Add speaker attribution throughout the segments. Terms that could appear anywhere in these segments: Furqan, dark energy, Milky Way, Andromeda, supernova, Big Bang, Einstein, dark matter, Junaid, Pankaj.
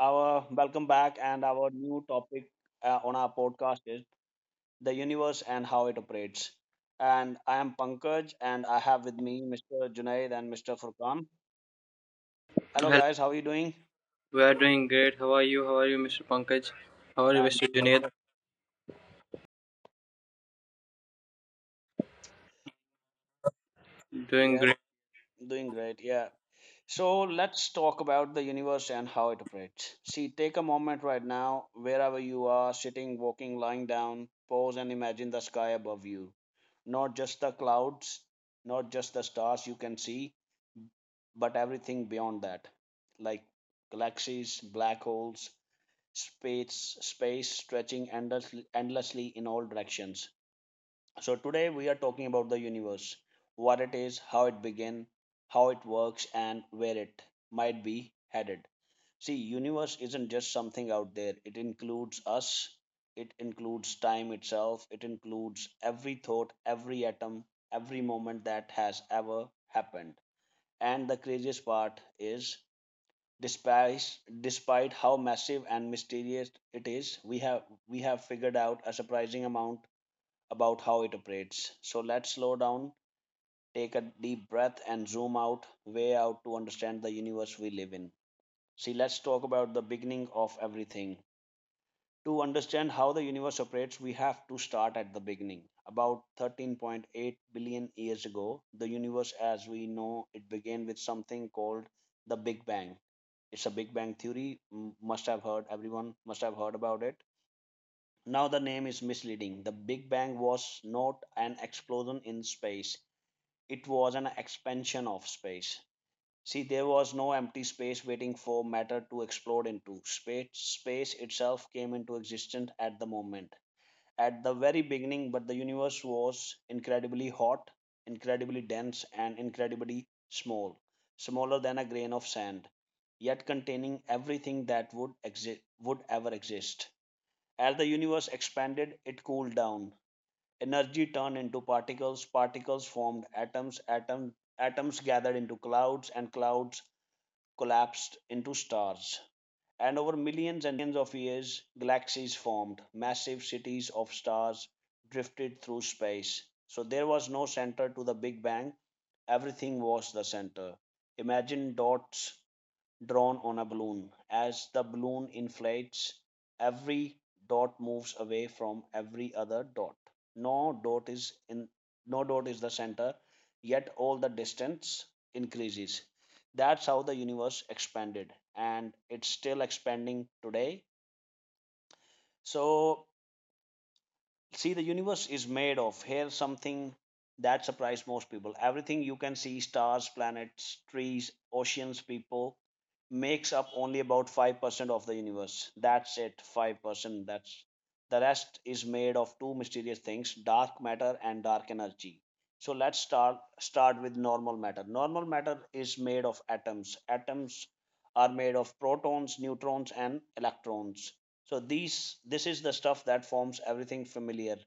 Speaker 1: our welcome back, and our new topic on our podcast is the universe and how it operates. And I am Pankaj, and I have with me Mr. Junaid and Mr. Furqan. Hello,
Speaker 2: Hello,
Speaker 1: guys. How are you doing?
Speaker 2: we are doing great. How are you? How are you, Mr. Pankaj? How are you,
Speaker 1: I'm
Speaker 2: Mr.
Speaker 1: doing
Speaker 2: Junaid?
Speaker 1: also.
Speaker 2: Doing
Speaker 1: Yes,
Speaker 2: great.
Speaker 1: doing great. Yeah. So let's talk about the universe and how it operates. See, take a moment right now, wherever you are, sitting, walking, lying down, pause and imagine the sky above you. Not just the clouds, not just the stars you can see, but everything beyond that, like galaxies, black holes, space stretching endlessly, endlessly in all directions. So, today we are talking about the universe, what it is, how it began, how it works, and where it might be headed. See, universe isn't just something out there, it includes us, it includes time itself, it includes every thought, every atom, every moment that has ever happened. And the craziest part is, despite despite how massive and mysterious it is, we have figured out a surprising amount about how it operates. So let's slow down, take a deep breath, and zoom out, way out, to understand the universe we live in. See, let's talk about the beginning of everything. To understand how the universe operates, we have to start at the beginning. About 13.8 billion years ago, the universe as we know it began with something called the Big Bang. It's a Big Bang theory, must have heard, everyone must have heard about it. Now the name is misleading. The Big Bang was not an explosion in space, it was an expansion of space. See, there was no empty space waiting for matter to explode into. Space itself came into existence at the moment, at the very beginning, but the universe was incredibly hot, incredibly dense, and incredibly small, smaller than a grain of sand, yet containing everything that would exist, would ever exist. As the universe expanded, it cooled down. Energy turned into particles, particles formed atoms, atoms gathered into clouds, and clouds collapsed into stars. And over millions and billions of years, galaxies formed, massive cities of stars drifted through space. So there was no center to the Big Bang, everything was the center. Imagine dots drawn on a balloon. As the balloon inflates, every dot moves away from every other dot. No dot is in no dot is the center, yet all the distance increases. That's how the universe expanded, and it's still expanding today. So see, the universe is made of, here's something that surprised most people, everything you can see, stars, planets, trees, oceans, people, makes up only about 5% of the universe. That's it, 5%. That's the rest is made of two mysterious things, dark matter and dark energy. So let's start with normal matter. Normal matter is made of atoms. Atoms are made of protons, neutrons, and electrons. So these this is the stuff that forms everything familiar.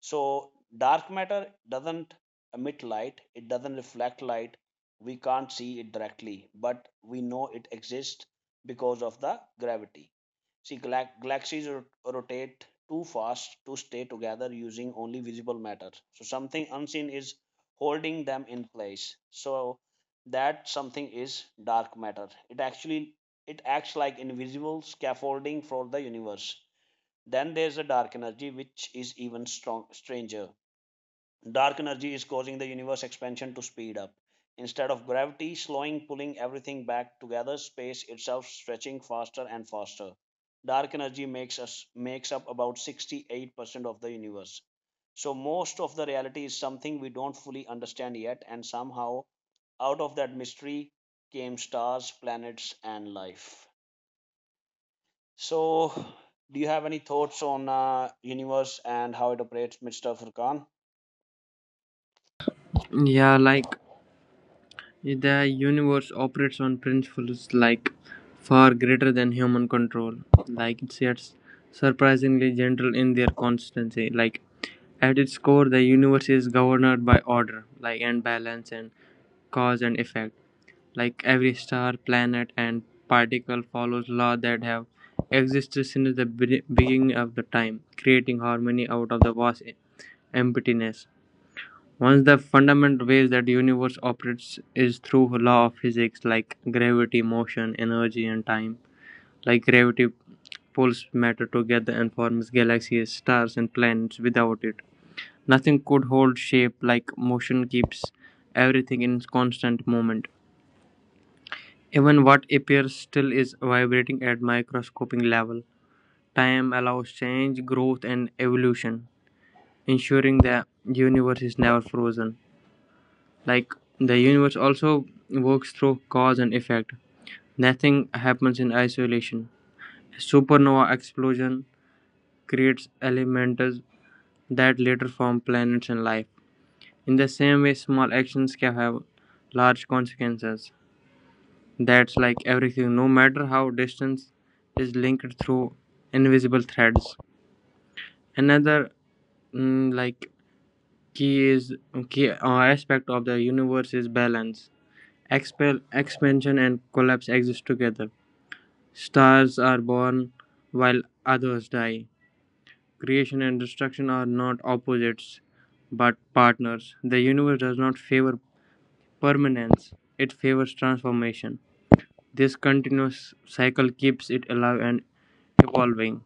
Speaker 1: So dark matter doesn't emit light, it doesn't reflect light. We can't see it directly, but we know it exists because of the gravity. See, galaxies rotate too fast to stay together using only visible matter. So something unseen is holding them in place. So that something is dark matter. It actually it acts like invisible scaffolding for the universe. Then there's a dark energy, which is even stranger. Dark energy is causing the universe expansion to speed up. Instead of gravity slowing, pulling everything back together, space itself stretching faster and faster. Dark energy makes up about 68% of the universe. So most of the reality is something we don't fully understand yet, and somehow out of that mystery came stars, planets, and life. So, do you have any thoughts on universe and how it operates, Mr. Furkan?
Speaker 2: Yeah, like the universe operates on principles like far greater than human control. Like it's yet surprisingly gentle in their constancy. Like at its core, the universe is governed by order, like and balance and cause and effect. Like every star, planet, and particle follows laws that have existed since the beginning of the time, creating harmony out of the vast emptiness. Once the fundamental ways that universe operates is through law of physics like gravity, motion, energy, and time. Like gravity pulls matter together and forms galaxies, stars, and planets. Without it, nothing could hold shape. Like motion keeps everything in constant movement. Even what appears still is vibrating at microscopic level. Time allows change, growth, and evolution, ensuring the universe is never frozen. Like the universe also works through cause and effect. Nothing happens in isolation. Supernova explosion creates elements that later form planets and life. In the same way, small actions can have large consequences. That's like everything, no matter how distance is linked through invisible threads. Another mm, like key is key aspect of the universe is balance. Expansion and collapse exist together. Stars are born while others die. Creation and destruction are not opposites but partners. The universe does not favor permanence; it favors transformation. This continuous cycle keeps it alive and evolving.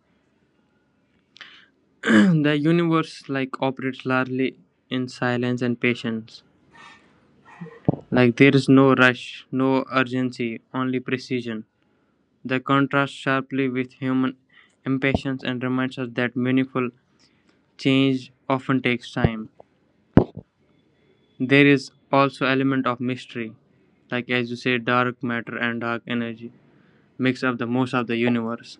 Speaker 2: The universe like operates largely in silence and patience. Like there is no rush, no urgency, only precision. The contrasts sharply with human impatience and reminds us that meaningful change often takes time. There is also element of mystery, like as you say, dark matter and dark energy makes up the most of the universe.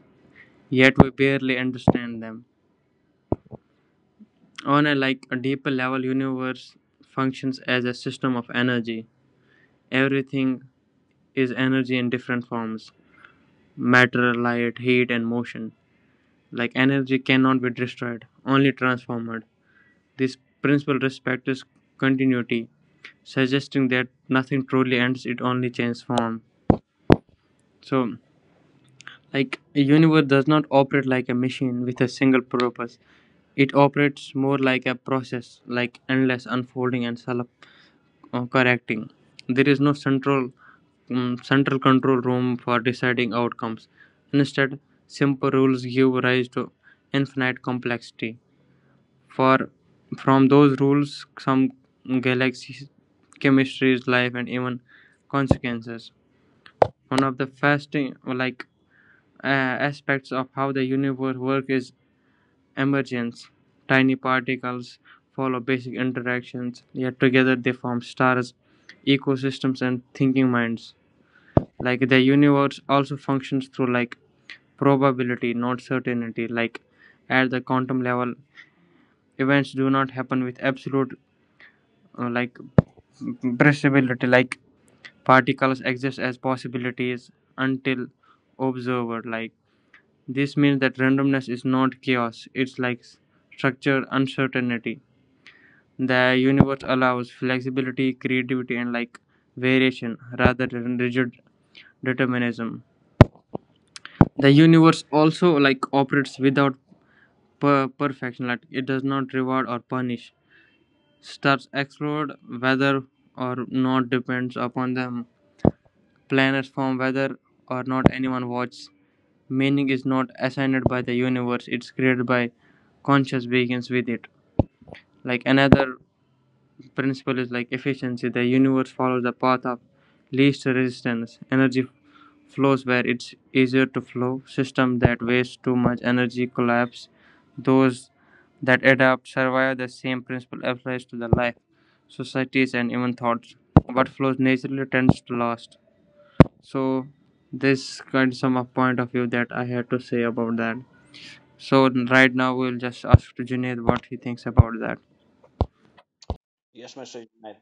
Speaker 2: Yet we barely understand them. On a like a deeper level, universe functions as a system of energy. Everything is energy in different forms: matter, light, heat, and motion. Like energy cannot be destroyed, only transformed. This principle respects continuity, suggesting that nothing truly ends; it only changes form. So, like a universe does not operate like a machine with a single purpose. It operates more like a process, like endless unfolding and self correcting. There is no central control room for deciding outcomes. Instead, simple rules give rise to infinite complexity. For from those rules, some galaxies, chemistries, life, and even consequences. One of the fasting like aspects of how the universe works is emergence, tiny particles follow basic interactions, yet together they form stars, ecosystems, and thinking minds. Like the universe also functions through like probability, not certainty. Like at the quantum level, events do not happen with absolute like possibility. Like particles exist as possibilities until observed. Like this means that randomness is not chaos; it's like structure uncertainty. The universe allows flexibility, creativity, and like variation rather than rigid determinism. The universe also like operates without perfection. Like it does not reward or punish. Stars explode whether or not depends upon them. Planets form whether or not anyone watches. Meaning is not assigned by the universe; it's created by conscious beings with it. Like another principle is like efficiency. The universe follows the path of least resistance. Energy flows where it's easier to flow. Systems that waste too much energy collapse. Those that adapt survive. The same principle applies to the life, societies, and even thoughts. What flows naturally tends to last. So, this kind of sum up point of view that I had to say about that. So, right now we'll just ask to Junaid what he thinks about that.
Speaker 1: Yes, Mr. Junaid.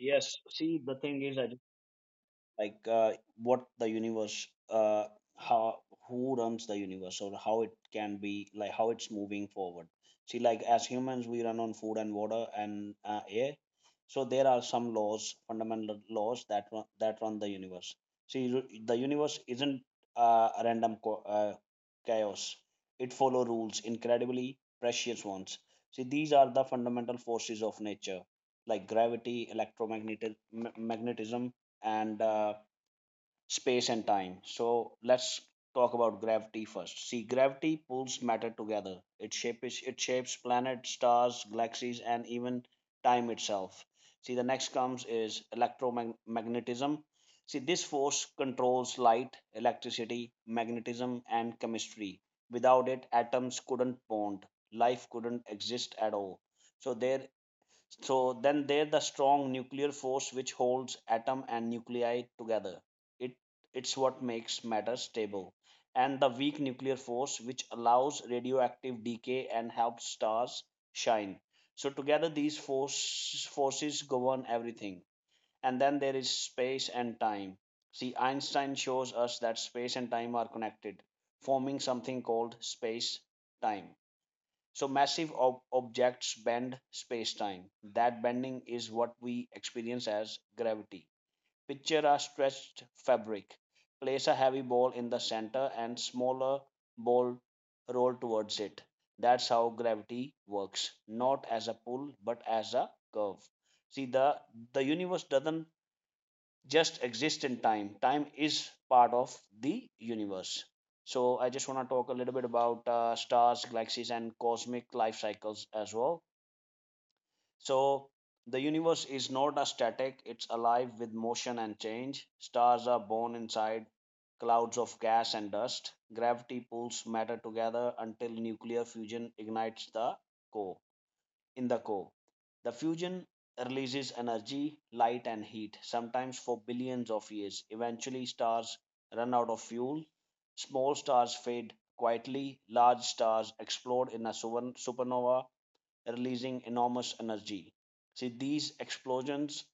Speaker 1: Yes. See, the thing is, I like, what the universe, how, who runs the universe, or how it can be, like how it's moving forward. See, like, as humans we run on food and water and air. So there are some laws, fundamental laws that run the universe. See, the universe isn't a random chaos, it follow rules, incredibly precious ones. See, these are the fundamental forces of nature, like gravity, electromagnetism, and space and time. So let's talk about gravity first. See, gravity pulls matter together. It shapes planets, stars, galaxies, and even time itself. See, the next comes is electromagnetism. See, this force controls light, electricity, magnetism, and chemistry. Without it, atoms couldn't bond. Life couldn't exist at all. So there so then they're the strong nuclear force, which holds atom and nuclei together. It it's what makes matter stable. And the weak nuclear force, which allows radioactive decay and helps stars shine. So together these forces govern everything. And then there is space and time. See, Einstein shows us that space and time are connected, forming something called space time. So massive objects bend space-time. That bending is what we experience as gravity. Picture a stretched fabric. Place a heavy ball in the center and smaller ball roll towards it. That's how gravity works, not as a pull but as a curve. See, the universe doesn't just exist in time. Time is part of the universe. So I just want to talk a little bit about stars, galaxies, and cosmic life cycles as well. So the universe is not a static; it's alive with motion and change. Stars are born inside clouds of gas and dust. Gravity pulls matter together until nuclear fusion ignites the core. In the core, the fusion releases energy, light, and heat, sometimes for billions of years. Eventually, stars run out of fuel, small stars fade quietly, large stars explode in a supernova, releasing enormous energy. See, these explosions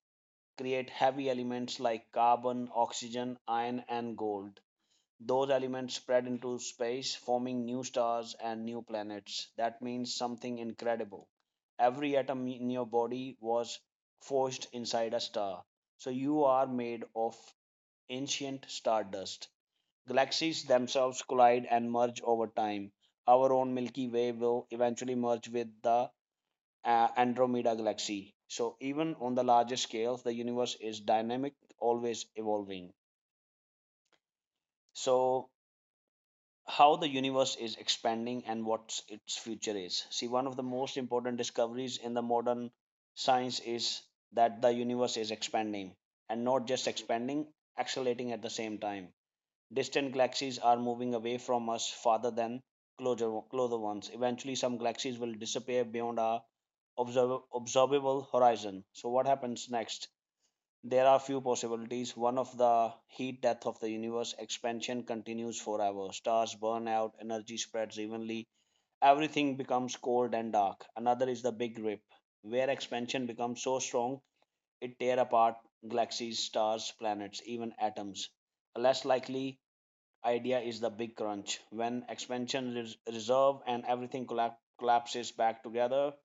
Speaker 1: create heavy elements like carbon, oxygen, iron, and gold. Those elements spread into space, forming new stars and new planets. That means something incredible. Every atom in your body was forged inside a star. So you are made of ancient stardust. Galaxies themselves collide and merge over time. Our own Milky Way will eventually merge with the Andromeda galaxy. So even on the larger scale, the universe is dynamic, always evolving. So how the universe is expanding and what its future is. See, one of the most important discoveries in the modern science is that the universe is expanding, and not just expanding, accelerating at the same time. Distant galaxies are moving away from us farther than closer ones. Eventually, some galaxies will disappear beyond our observable horizon. So, what happens next? There are few possibilities. One of the heat death of the universe, expansion continues forever. Stars burn out, energy spreads evenly, everything becomes cold and dark. Another is the big rip, where expansion becomes so strong it tear apart galaxies, stars, planets, even atoms. A less likely idea is the big crunch, when expansion reserve and everything collapses back together.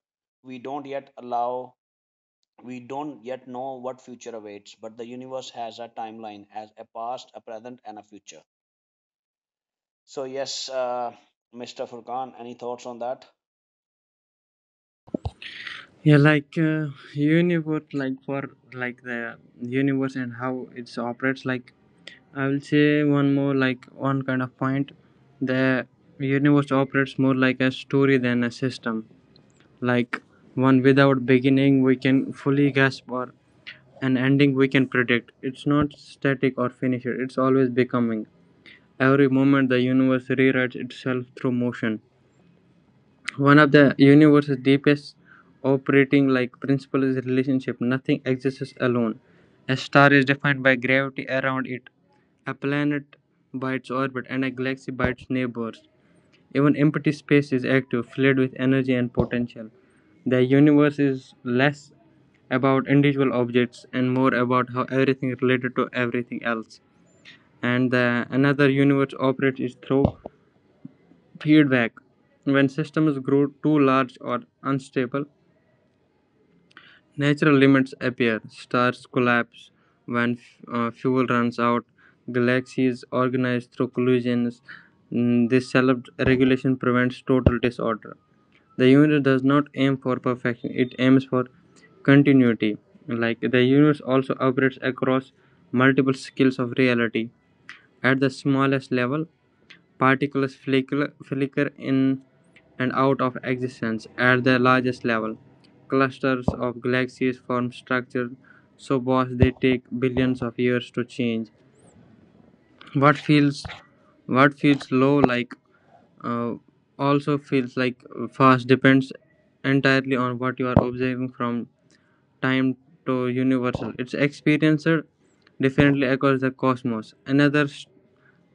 Speaker 1: We don't yet allow we don't yet know what future awaits, but the universe has a timeline as a past, a present, and a future. So, yes, Mr. Furkan, any thoughts on that?
Speaker 2: Yeah, like universe like for like the universe and how it operates, like I will say one more like one kind of point: the universe operates more like a story than a system, like one without beginning we can fully grasp or an ending we can predict. It's not static or finished, it's always becoming. Every moment the universe rewrites itself through motion. One of the universe's deepest operating like principle is relationship. Nothing exists alone. A star is defined by gravity around it, a planet by its orbit, and a galaxy by its neighbors. Even empty space is active, filled with energy and potential. The universe is less about individual objects and more about how everything is related to everything else. And the another universe operates is through feedback. When systems grow too large or unstable, natural limits appear. Stars collapse when fuel runs out. Galaxies organize through collisions. Mm, this self-regulation prevents total disorder. The universe does not aim for perfection; it aims for continuity. Like the universe also operates across multiple scales of reality. At the smallest level, particles flicker in and out of existence at the largest level. Clusters of galaxies form structures so vast they take billions of years to change. What feels what feels low like uh, also feels like fast depends entirely on what you are observing from time to universal. It's experienced differently across the cosmos. Another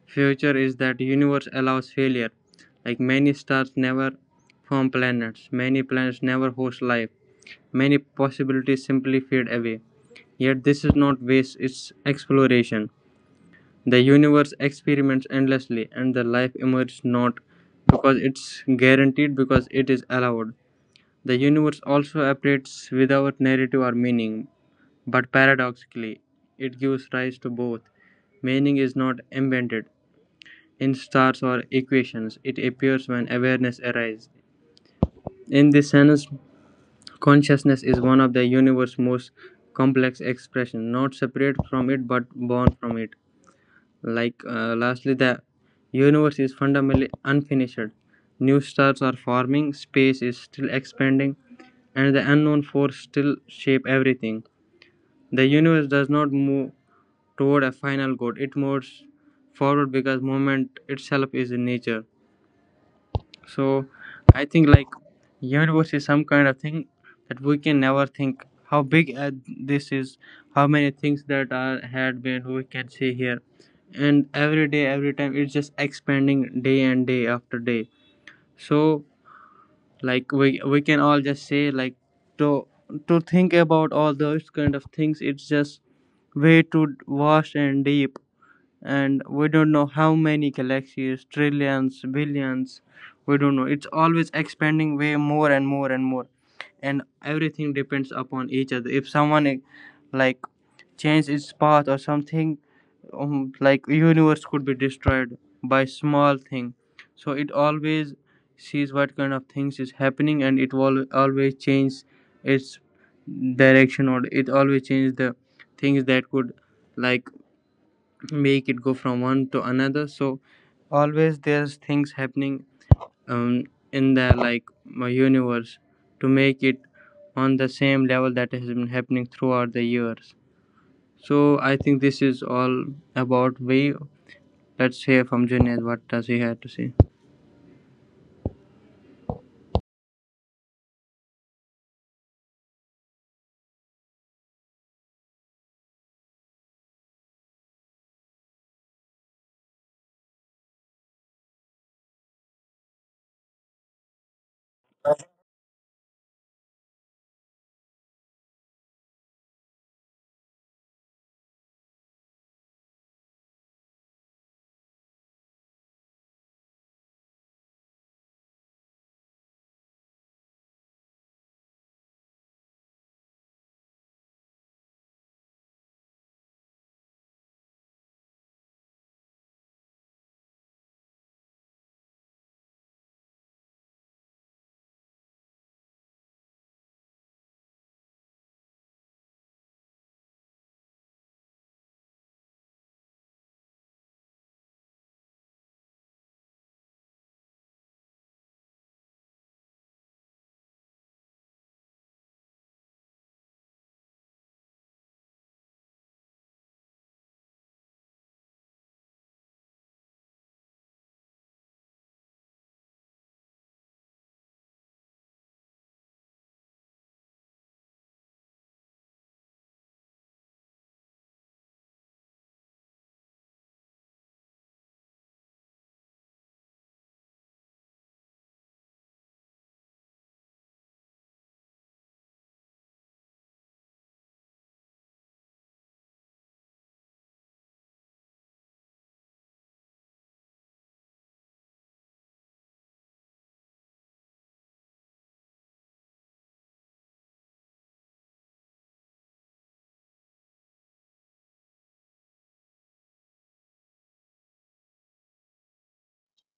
Speaker 2: future is that universe allows failure, like many stars never form planets, many planets never host life, many possibilities simply fade away. Yet this is not waste, it's exploration. The universe experiments endlessly and the life emerges not because it's guaranteed because it is allowed. The universe also operates without narrative or meaning, but paradoxically it gives rise to both. Meaning is not invented in stars or equations, it appears when awareness arises. In this sense, consciousness is one of the universe's most complex expressions, not separate from it but born from it. Like lastly, the universe is fundamentally unfinished. New stars are forming, space is still expanding, and the unknown force still shape everything. The universe does not move toward a final goal; it moves forward because movement itself is in nature. So I think like universe is some kind of thing that we can never think how big this is, how many things that are had been we can see here, and every day, every time it's just expanding day and day after day. So like we can all just say like to to think about all those kind of things. It's just way too vast and deep and we don't know how many galaxies, trillions, billions, we don't know. It's always expanding way more and more and more, and everything depends upon each other. If someone like change its path or something like universe could be destroyed by small thing, so it always sees what kind of things is happening and it will always change its direction or it always change the things that could like make it go from one to another. So always there's things happening um, in the like my universe to make it on the same level that has been happening throughout the years. So I think this is all about we, let's hear from Junaid what does he have to say.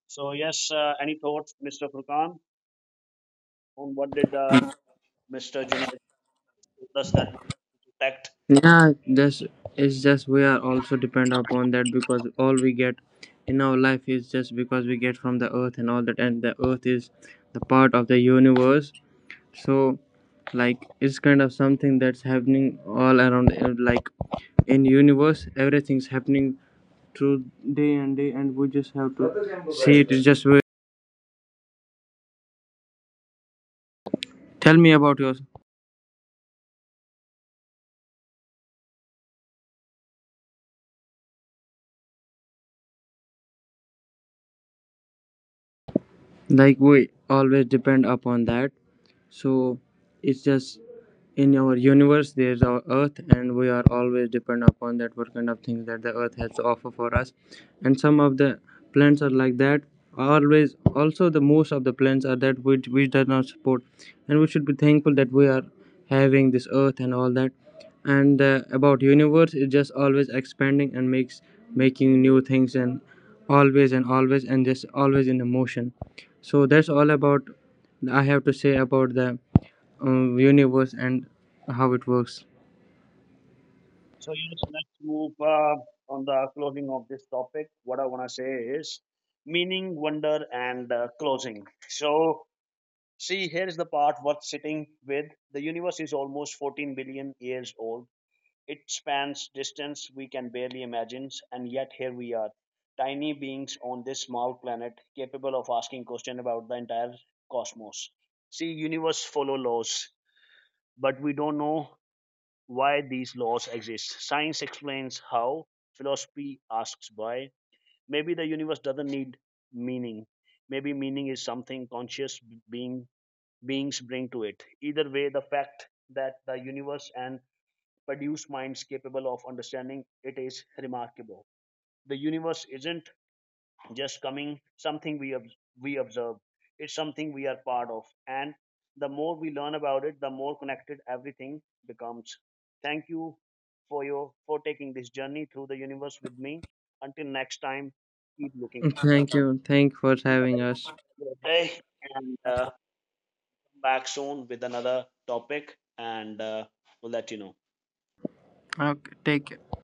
Speaker 1: So, yes, any thoughts, Mr. Furkan, on what did Mr. Junaid told us that we detect?
Speaker 2: Yeah, this is just we are also depend upon that because all we get in our life is just because we get from the earth and all that, and the earth is the part of the universe, so like it's kind of something that's happening all around like in universe. Everything's happening through day and day and we just have to see it. It's just wait, tell me about yours, like we always depend upon that. So it's just in our universe there's our earth and we are always dependent upon that, what kind of things that the earth has to offer for us. And some of the plants are like that always, also the most of the plants are that which does not support, and we should be thankful that we are having this earth and all that. And about universe, it just always expanding and makes making new things and always and always and just always in the motion. So that's all about I have to say about the universe and how it works.
Speaker 1: So, yes, let's move on the closing of this topic. What I want to say is meaning, wonder, and closing. So, see, here is the part worth sitting with. The universe is almost 14 billion years old. It spans distance we can barely imagine, and yet here we are, tiny beings on this small planet, capable of asking questions about the entire cosmos. See, universe follow laws, but we don't know why these laws exist. Science explains how, philosophy asks why. Maybe the universe doesn't need meaning. Maybe meaning is something conscious being beings bring to it. Either way, the fact that the universe and produce minds capable of understanding it is remarkable. The universe isn't just coming something we observe; it's something we are part of. And the more we learn about it, the more connected everything becomes. Thank you for your for taking this journey through the universe with me. Until next time, keep looking.
Speaker 2: Thank you. Thank for having us.
Speaker 1: Day and come back soon with another topic, and we'll let you know.
Speaker 2: Okay, take care.